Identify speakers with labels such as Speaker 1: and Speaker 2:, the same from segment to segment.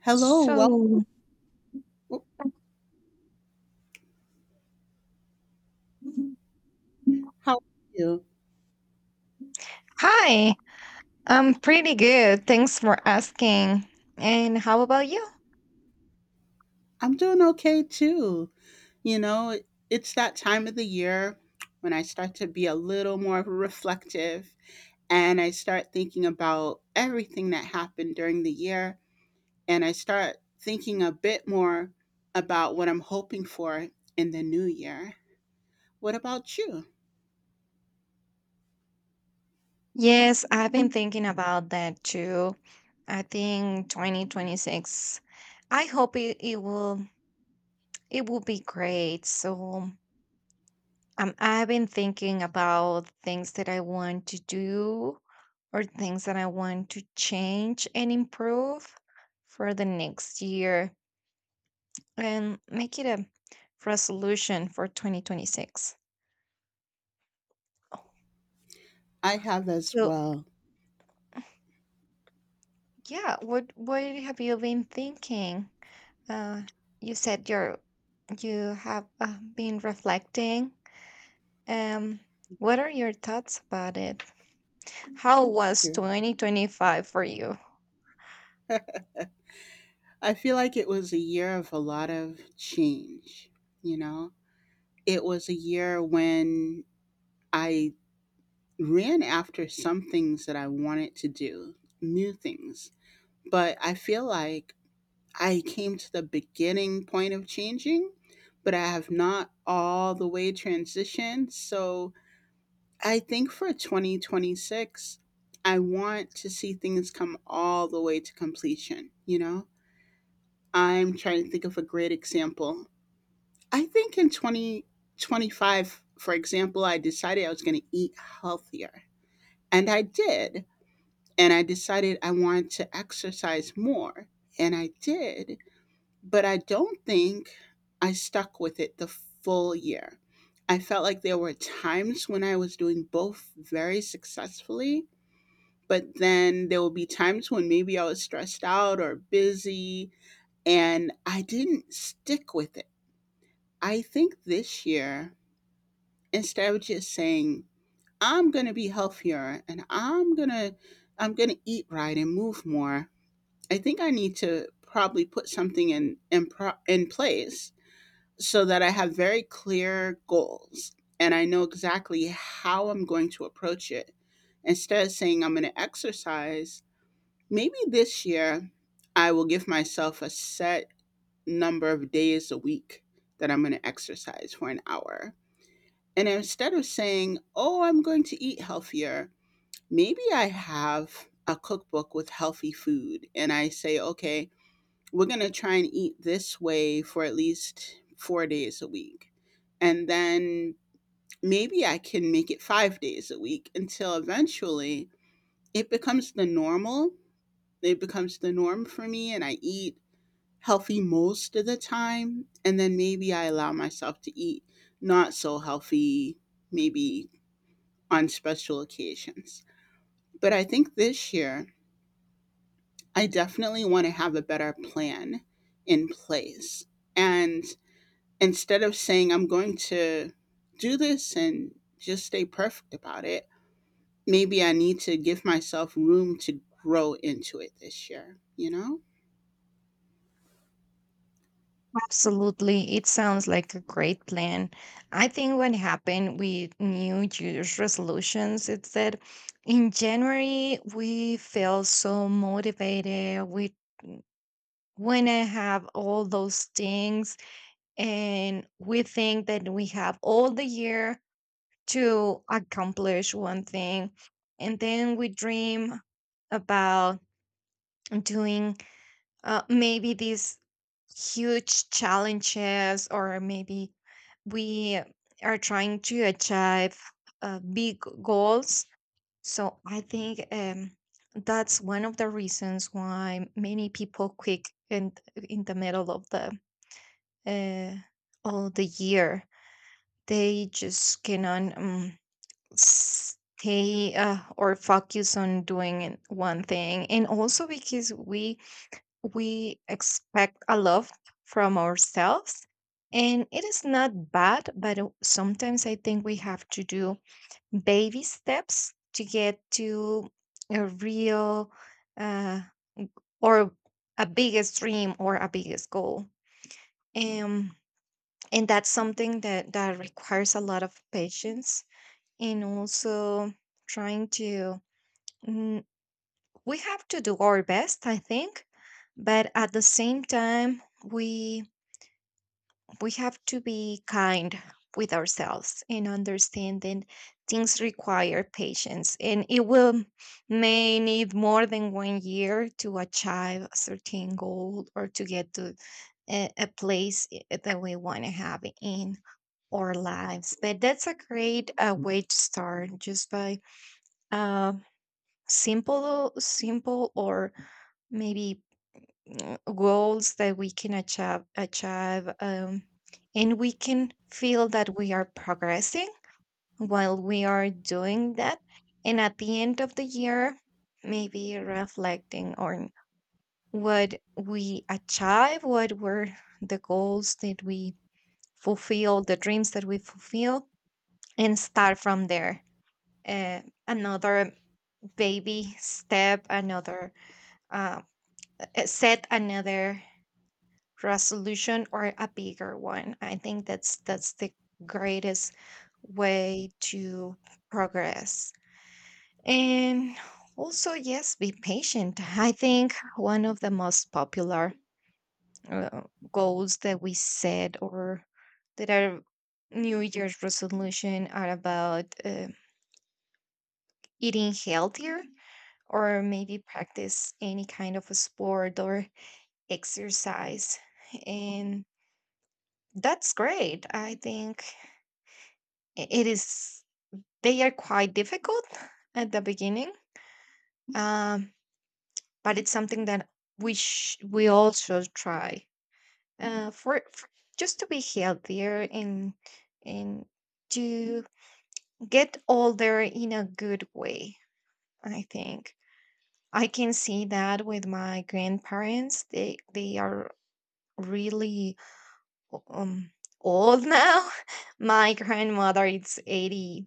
Speaker 1: Hello, well,
Speaker 2: So,
Speaker 1: oh, how are you?
Speaker 2: hi, I'm pretty good. Thanks for asking. And how about you?
Speaker 1: I'm doing okay too. You know, it's that time of the year when I start to be a little more reflective and I start thinking about everything that happened during the year and I start thinking a bit more about what I'm hoping for in the new year. What about you?
Speaker 2: Yes, I've been thinking about that too. I think 2026. I hope it, it will be great. So, I've been thinking about things that I want to do or things that I want to change and improve for the next year and make it a resolution for 2026.
Speaker 1: I have as
Speaker 2: So,
Speaker 1: well.
Speaker 2: yeah, what have you been thinking? Uh, you said you're you have been reflecting. Um, what are your thoughts about it? How was 2025 for you?
Speaker 1: I feel like it was a year of a lot of change, you know? It was a year when I ran after some things that I wanted to do, new things. But I feel like I came to the beginning point of changing, but I have not all the way transitioned. So I think for 2026, I want to see things come all the way to completion. You know, I'm trying to think of a great example. I think in 2025, for example, I decided I was going to eat healthier. And I did and I decided I wanted to exercise more, and I did, but I don't think I stuck with it the full year. I felt like there were times when I was doing both very successfully, but then there would be times when maybe I was stressed out or busy and I didn't stick with it. I think this year, instead of just saying, I'm going to be healthier and I'm going to eat right and move more. I think I need to probably put something in place so that I have very clear goals and I know exactly how I'm going to approach it. Instead of saying I'm going to exercise, maybe this year I will give myself a set number of days a week that I'm going to exercise for an hour. And instead of saying, "Oh, I'm going to eat healthier," maybe I have a cookbook with healthy food and I say, "Okay, we're going to try and eat this way for at least 4 days a week. And then maybe I can make it 5 days a week until eventually it becomes the normal. It becomes the norm for me, and I eat healthy most of the time. And then maybe I allow myself to eat not so healthy, maybe on special occasions. But I think this year, I definitely want to have a better plan in place. And instead of saying I'm going to do this and just stay perfect about it, maybe I need to give myself room to grow into it this year, you know?
Speaker 2: Absolutely. It sounds like a great plan. I think what happened with New Year's resolutions is that in January we feel so motivated. We want to have all those things and we think that we have all the year to accomplish one thing. And then we dream about doing maybe this huge challenges, or maybe we are trying to achieve big goals. So I think that's one of the reasons why many people quit in the middle uh, of the year. They just cannot stay or focus on doing one thing, and also because we expect a lot from ourselves. And it is not bad, but sometimes I think we have to do baby steps to get to a real uh, or a biggest dream or a biggest goal. um, and that's something that requires a lot of patience, and also trying to mm, we have to do our best I think. But at the same time we have to be kind with ourselves and understand that things require patience, and it will may need more than one year to achieve a certain goal or to get to a place that we want to have in our lives. But that's a great way to start, just by uh, simple or maybe goals that we can achieve, and we can feel that we are progressing while we are doing that. And at the end of the year, maybe reflecting on what we achieve, what were the goals that we fulfill, the dreams that we fulfill, and start from there. Uh, Another baby step, another uh, set, another resolution, or a bigger one. I think that's the greatest way to progress. And also, yes, be patient. I think one of the most popular uh, goals that we set, or that are New Year's resolution, are about eating healthier, or maybe practice any kind of a sport or exercise. And that's great. I think it is they are quite difficult at the beginning, um, but it's something that we also try for just to be healthier, and to get older in a good way. I think I can see that with my grandparents. They are really um old now. My grandmother is 80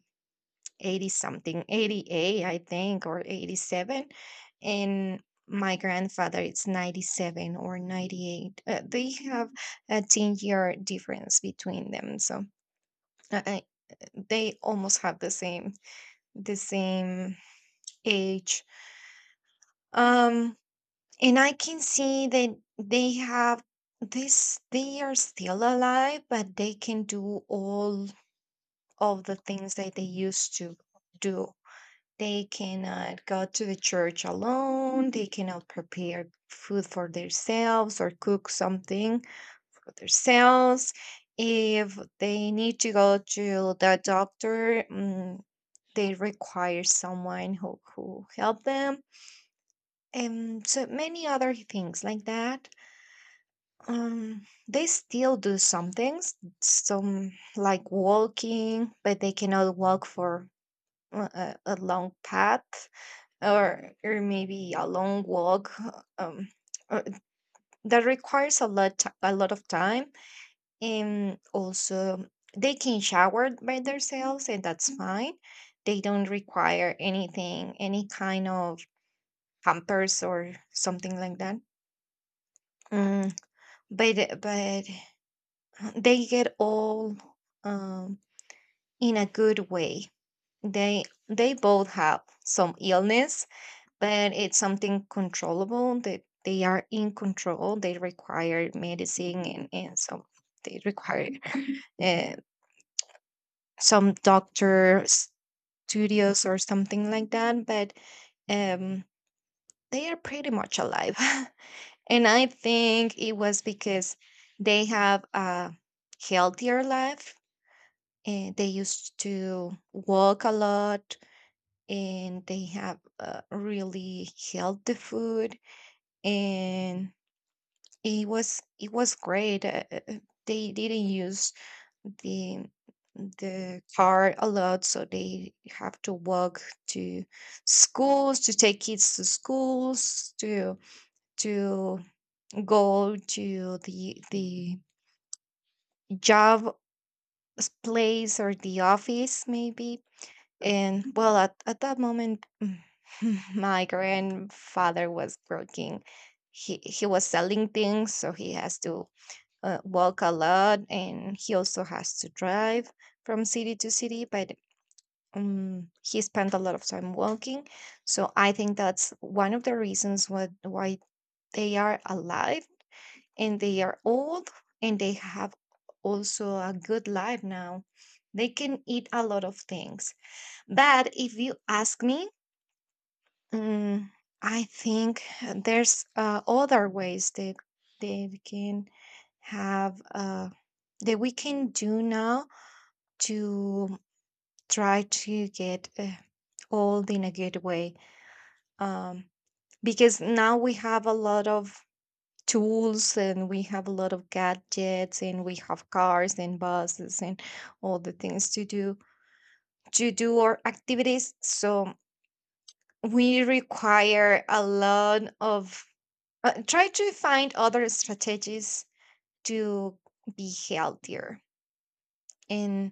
Speaker 2: 80 something, 88 I think, or 87. And my grandfather is 97 or 98. They have a 10-year difference between them. So uh, uh, they almost have the same age. um and I can see that they have this they are still alive, but they can do all of the things that they used to do. They cannot go to the church alone. They cannot prepare food for themselves, or cook something for themselves. If they need to go to the doctor, they require someone who help them. And so many other things like that. They still do some things, some like walking, but they cannot walk for a long path, or maybe a long walk um uh, that requires a lot a lot of time. And also they can shower by themselves, and that's fine. They don't require anything, any kind of pampers or something like that. Mm, but but they get all um in a good way. They both have some illness, but it's something controllable, that they are in control. They require medicine, and so they require uh, some doctor studios or something like that. But um, they are pretty much alive. And I think it was because they have a healthier life, and they used to walk a lot, and they have really healthy food. And it was great. They didn't use the the car a lot, so they have to walk to schools, to take kids to schools, to go to the job place, or the office maybe. And well, at that moment, my grandfather was working. He was selling things, so he has to walk a lot, and he also has to drive from city to city. But he spent a lot of time walking. So I think that's one of the reasons why they are alive, and they are old, and they have also a good life now. They can eat a lot of things. But if you ask me, Mm, I think there's other ways that that we can have that we can do now to try to get old in a good way. Um, because now we have a lot of tools, and we have a lot of gadgets, and we have cars and buses and all the things to do our activities. So we require a lot of try to find other strategies to be healthier. And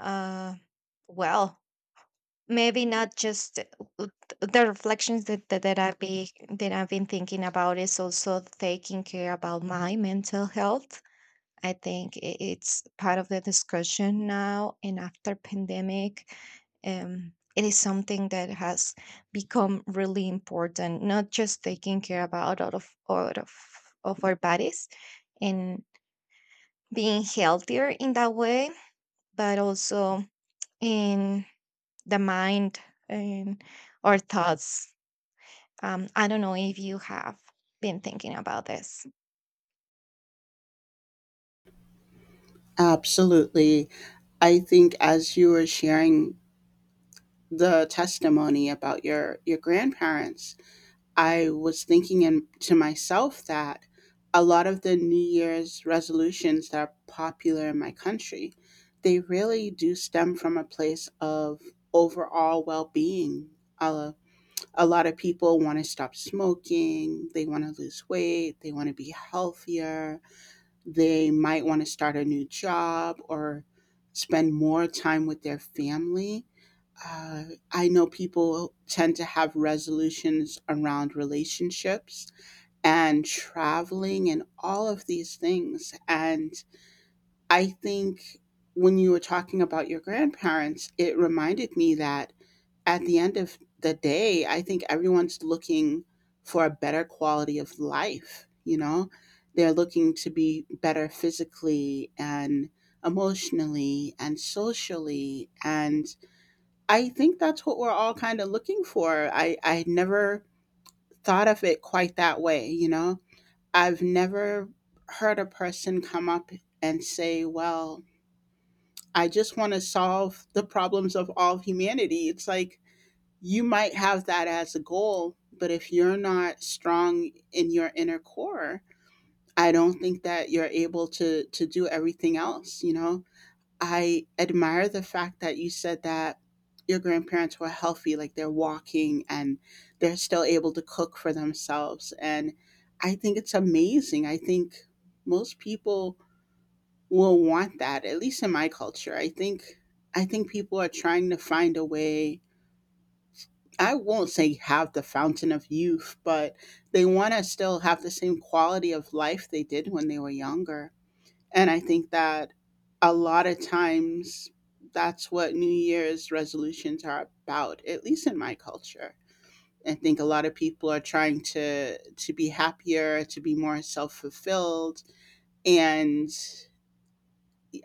Speaker 2: uh well maybe not just uh, the reflections that I've been thinking about, is also taking care about my mental health. I think it's part of the discussion now, and after pandemic. It is something that has become really important, not just taking care about out of our bodies, and being healthier in that way, but also in the mind and our thoughts. I don't know if you have been thinking about this.
Speaker 1: Absolutely. I think as you were sharing the testimony about your grandparents, I was thinking to myself that a lot of the New Year's resolutions that are popular in my country, they really do stem from a place of overall well-being. Uh, a lot of people want to stop smoking, they want to lose weight, they want to be healthier, they might want to start a new job or spend more time with their family. uh, I know people tend to have resolutions around relationships and traveling and all of these things. And I think when you were talking about your grandparents, it reminded me that at the end of the day, I think everyone's looking for a better quality of life, you know? They're looking to be better physically and emotionally and socially. And I think that's what we're all kind of looking for. I never thought of it quite that way, you know? I've never heard a person come up and say, well, I just want to solve the problems of all of humanity. It's like you might have that as a goal, but if you're not strong in your inner core, I don't think that you're able to do everything else, you know? I admire the fact that you said that your grandparents were healthy, like they're walking and they're still able to cook for themselves. And I think it's amazing. I think most people will want that, at least in my culture. I think people are trying to find a way. I won't say have the fountain of youth, but they want to still have the same quality of life they did when they were younger and I think that a lot of times that's what New Year's resolutions are about, at least in my culture. I think a lot of people are trying to be happier, to be more self-fulfilled. And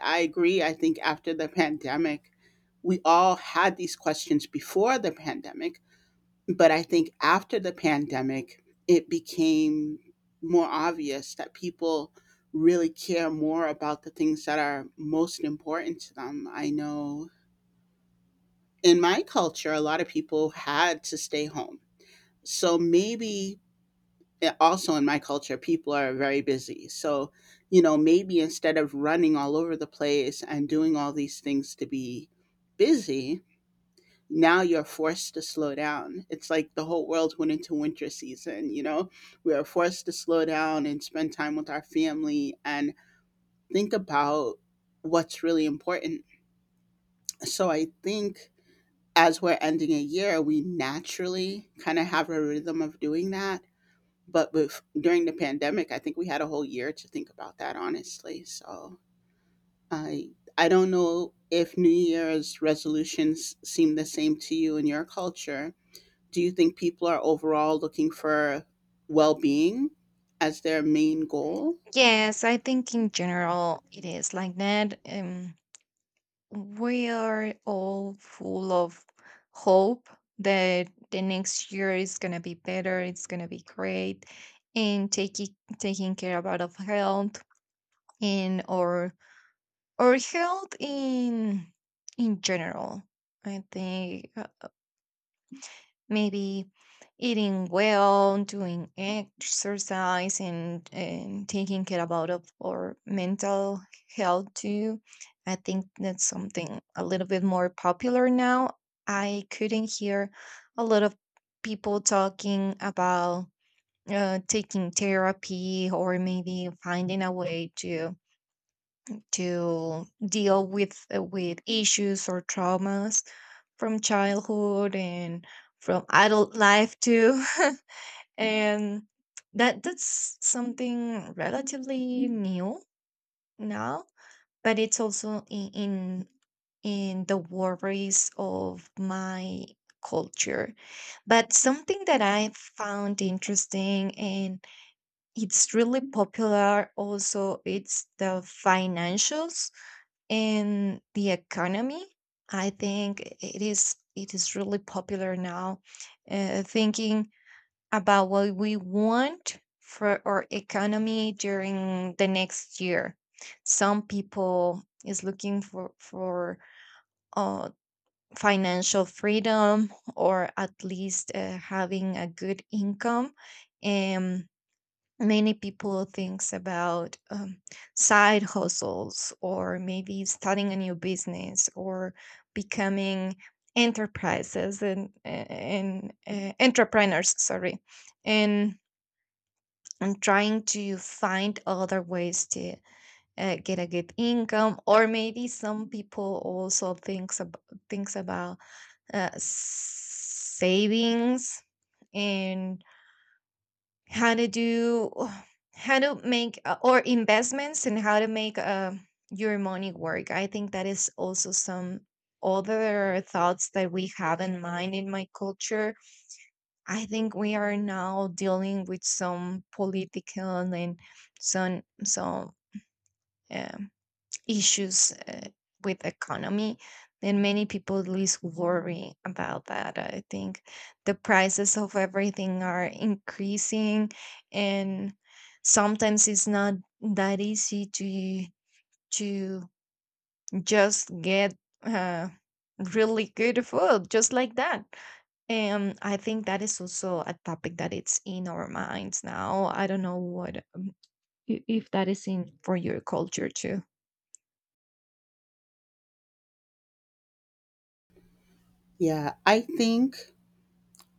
Speaker 1: I agree, I think after the pandemic, we all had these questions before the pandemic, but I think after the pandemic, it became more obvious that people really care more about the things that are most important to them. I know in my culture, a lot of people had to stay home. So maybe also in my culture, people are very busy. So, you know, maybe instead of running all over the place and doing all these things to be busy, now you're forced to slow down. It's like the whole world went into winter season, you know? We are forced to slow down and spend time with our family and think about what's really important. So I think as we're ending a year, we naturally kind of have a rhythm of doing that. But with during the pandemic, I think we had a whole year to think about that honestly. So I I don't know if New Year's resolutions seem the same to you in your culture. Do you think people are overall looking for well being as their main goal?
Speaker 2: Yes, I think in general it is like that. We are all full of hope that the next year is going to be better, it's going to be great. And taking care about of health, and or health in general, I think. Maybe eating well, doing exercise, and taking care about of our mental health too. I think that's something a little bit more popular now. I couldn't hear a lot of people talking about taking therapy, or maybe finding a way to deal with issues or traumas from childhood and from adult life too. And that's something relatively new now, but it's also in the worries of my culture. But something that I found interesting, and it's really popular also, it's the financials and the economy. I think it is really popular now, thinking about what we want for our economy during the next year. Some people is looking for uh, financial freedom, or at least having a good income. Many people thinks about side hustles, or maybe starting a new business, or becoming enterprises, and entrepreneurs, sorry. and and trying to find other ways to get a good income. Or maybe some people also thinks about savings, and how to do how to make or investments, and how to make your money work. I think that is also some other thoughts that we have in mind in my culture. I think we are now dealing with some political and some um, issues with the economy. And many people least worry about that. I think the prices of everything are increasing, and sometimes it's not that easy to just get uh, really good food just like that. I think that is also a topic that it's in our minds now. I don't know what if that is in for your culture too.
Speaker 1: Yeah, I think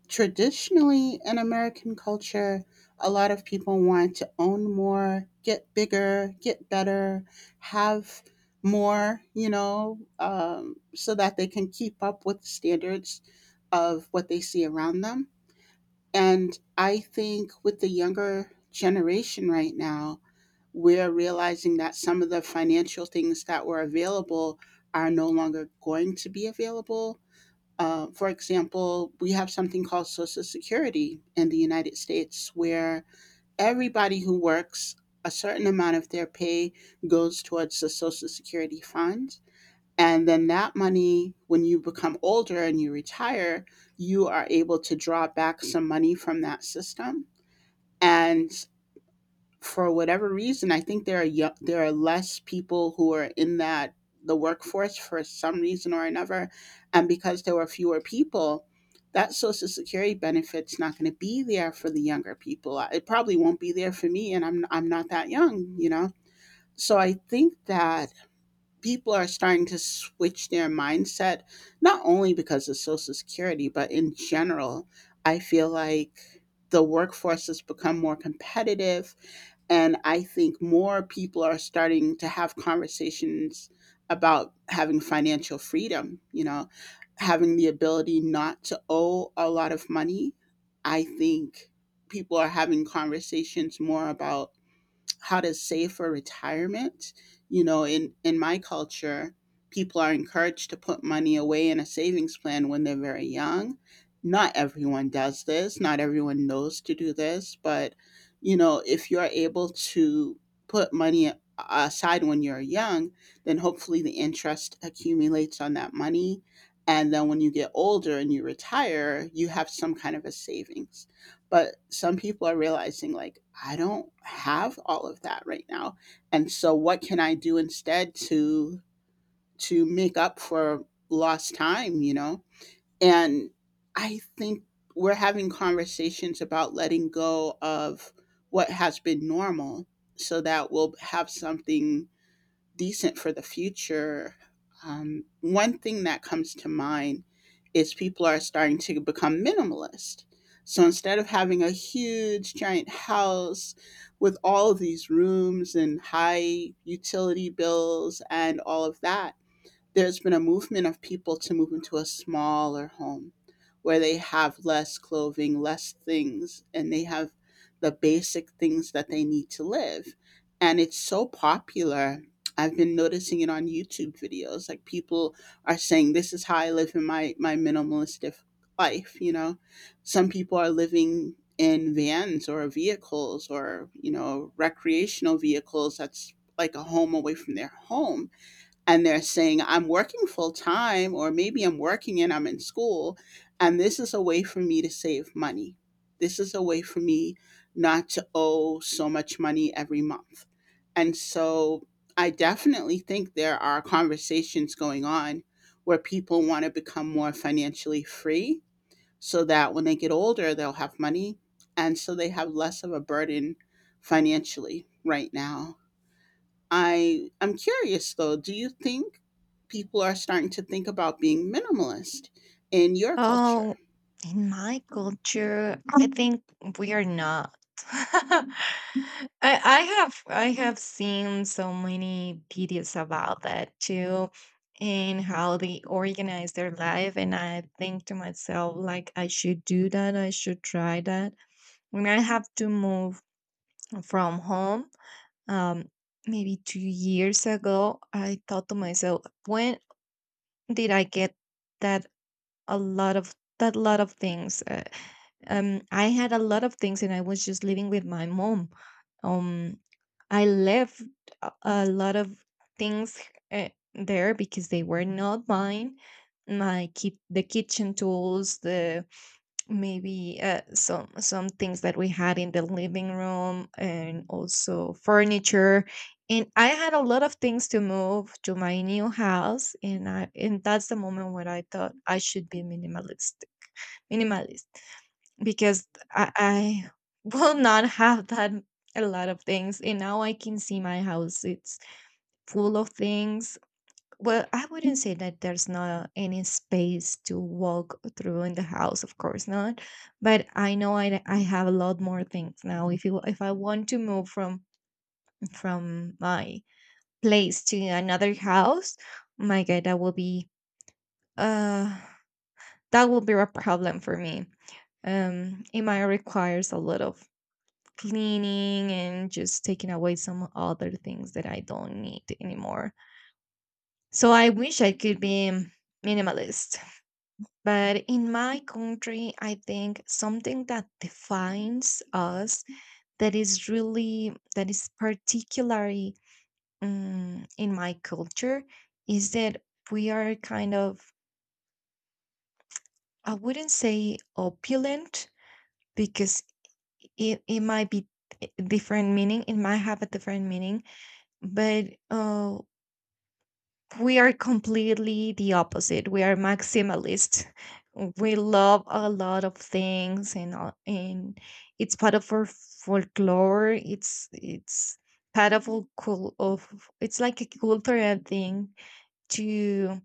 Speaker 1: traditionally in American culture, a lot of people want to own more, get bigger, get better, have more, you know, so that they can keep up with the standards of what they see around them. And I think with the younger generation right now, we're realizing that some of the financial things that were available are no longer going to be available. For example, we have something called Social Security in the United States where everybody who works a certain amount of their pay goes towards the Social Security fund. And then that money, when you become older and you retire, you are able to draw back some money from that system. And for whatever reason, I think there are there are less people who are in that the workforce for some reason or another, and because there were fewer people, that Social Security benefit's not going to be there for the younger people. It probably won't be there for me, and I'm not that young, you know. So I think that people are starting to switch their mindset, not only because of Social Security, but in general. I feel like the workforce has become more competitive and I think more people are starting to have conversations about having financial freedom, you know, having the ability not to owe a lot of money. I think people are having conversations more about how to save for retirement. You know, in my culture, people are encouraged to put money away in a savings plan when they're very young. Not everyone does this. Not everyone knows to do this, but you know, if you're able to put money aside when you're young, then hopefully the interest accumulates on that money and then when you get older and you retire, you have some kind of a savings but some people are realizing, like, I don't have all of that right now. And so what can I do instead to make up for lost time, you know? And I think we're having conversations about letting go of what has been normal so that we'll have something decent for the future. One thing that comes to mind is people are starting to become minimalist. So instead of having a huge giant house with all of these rooms and high utility bills and all of that, there's been a movement of people to move into a smaller home where they have less clothing, less things, and they have the basic things that they need to live. And it's so popular. I've been noticing it on YouTube videos. Like people are saying, this is how I live in my minimalistic life, you know? Some people are living in vans or vehicles or, you know, recreational vehicles that's like a home away from their home and they're saying I'm working full time or maybe I'm working and I'm in school and this is a way for me to save money. This is a way for me not to owe so much money every month. And so I definitely think there are conversations going on where people want to become more financially free so that when they get older they'll have money and so they have less of a burden financially right now. I'm curious though. Do you think people are starting to think about being minimalist in your culture?
Speaker 2: Oh, in my culture, I think we are not. I, I have seen so many videos about that too, and how they organize their life. And I think to myself, like I should do that. I should try that. When I have to move from home, um, maybe 2 years ago, I thought to myself, when did I get that a lot of that lot of things? I had a lot of things, and I was just living with my mom. Um, I left a lot of things there because they were not mine. The kitchen tools, the maybe some things that we had in the living room, and also furniture. And I had a lot of things to move to my new house, and that's the moment where I thought I should be minimalist because I will not have that a lot of things. And now I can see my house it's full of things. Well, I wouldn't say that there's not any space to walk through in the house, of course not, but I know I have a lot more things now. If I want to move from my place to another house, my god, uh that will be a problem for me. It might requires a lot of cleaning and just taking away some other things that I don't need anymore. So I wish I could be minimalist. But in my country, I think something that defines us, that is really, that is particularly in my culture, is that we are kind of, I wouldn't say opulent, because it might be it might have a different meaning, but uh, we are completely the opposite. We are maximalist. We love a lot of things, and and it's part of our folklore. It's part of it's like a cultural thing to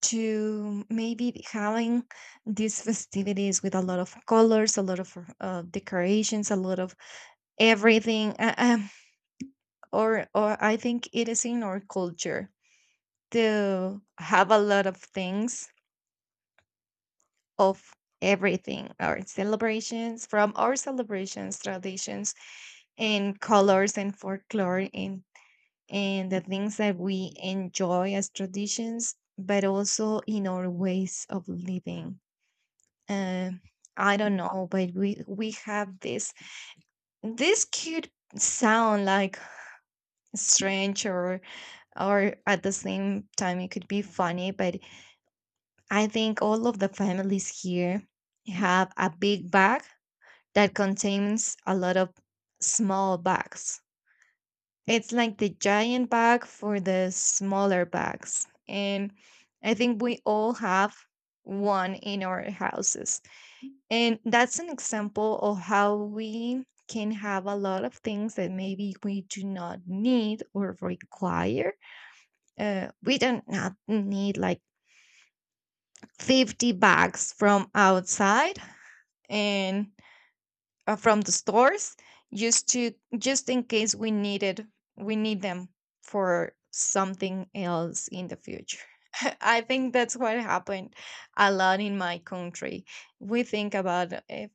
Speaker 2: to maybe having these festivities with a lot of colors, a lot of decorations, a lot of everything. Or I think it is in our culture to have a lot of things of everything. Our celebrations, from our celebrations, traditions and colors and folklore and the things that we enjoy as traditions, but also in our ways of living. uh, I don't know, but we have this. This could sound like strange, or at the same time it could be funny, but I think all of the families here have a big bag that contains a lot of small bags. It's like the giant bag for the smaller bags. And I think we all have one in our houses. And that's an example of how we can have a lot of things that maybe we do not need or require. We don't not need like 50 bags from outside and from the stores, just to just in case we need them for something else in the future. I think that's what happened a lot in my country. We think about if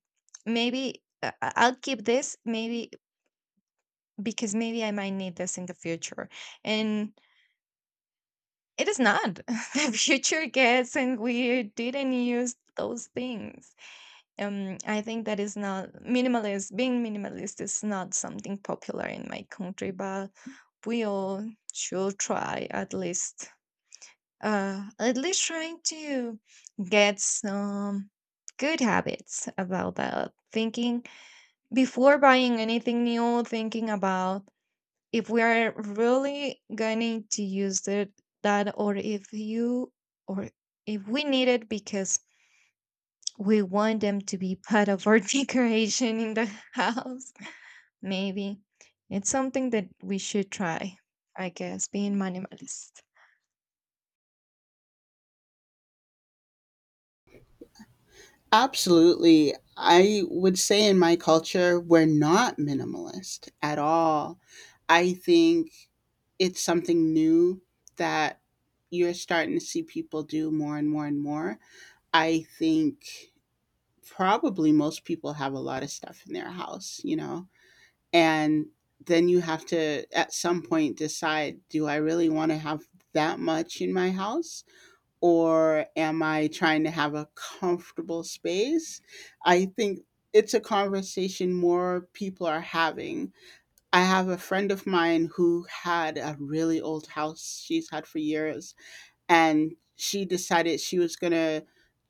Speaker 2: maybe I'll keep this, maybe because maybe I might need this in the future. And it is not the future gets and we didn't use those things. I think that is not minimalist. Being minimalist is not something popular in my country, but we all should try at least trying to get some good habits about that. Thinking before buying anything new, thinking about if we are really going to use that or if you or if we need it because we want them to be part of our decoration in the house. Maybe it's something that we should try, I guess, being minimalist.
Speaker 1: Absolutely. I would say in my culture we're not minimalist at all. I think it's something new that you're starting to see people do more and more and more. I think probably most people have a lot of stuff in their house, you know, and then you have to at some point decide, do I really want to have that much in my house or am I trying to have a comfortable space? I think it's a conversation more people are having. I have a friend of mine who had a really old house she's had for years and she decided she was going to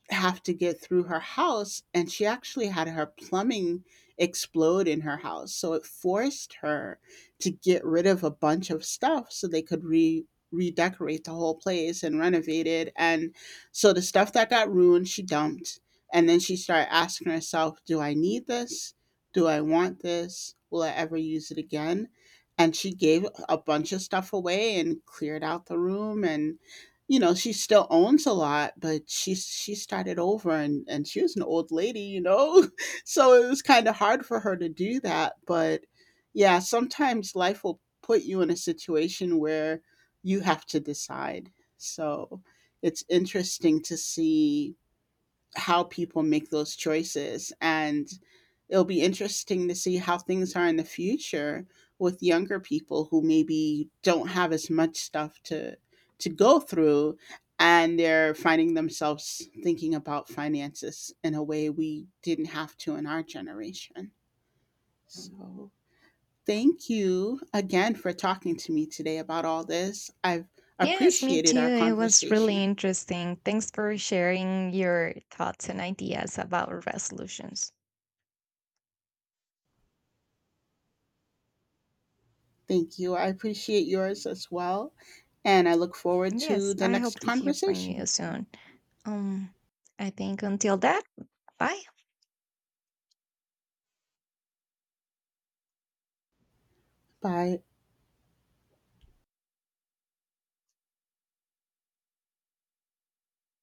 Speaker 1: have to get through her house and she actually had her plumbing explode in her house so it forced her to get rid of a bunch of stuff so they could re redecorate the whole place and renovate it. And so the stuff that got ruined she dumped, and then she started asking herself, do I need this, do I want this, will I ever use it again? And she gave a bunch of stuff away and cleared out the room, and you know, she still owns a lot, but she started over, and she was an old lady, you know. So it was kind of hard for her to do that, but yeah, sometimes life will put you in a situation where you have to decide. So it's interesting to see how people make those choices and it'll be interesting to see how things are in the future with younger people who maybe don't have as much stuff to go through and they're finding themselves thinking about finances in a way we didn't have to in our generation. So, thank you again for talking to me today about all this. I've
Speaker 2: Yes, me too.
Speaker 1: appreciated our
Speaker 2: It was really
Speaker 1: conversation.
Speaker 2: interesting. Thanks for sharing your thoughts and ideas about resolutions.
Speaker 1: Thank you. I appreciate yours as well. And I look forward to
Speaker 2: Yes,
Speaker 1: the
Speaker 2: I hope
Speaker 1: next
Speaker 2: to hear from you
Speaker 1: conversation.
Speaker 2: soon. Um, I think until that, bye.
Speaker 1: Bye.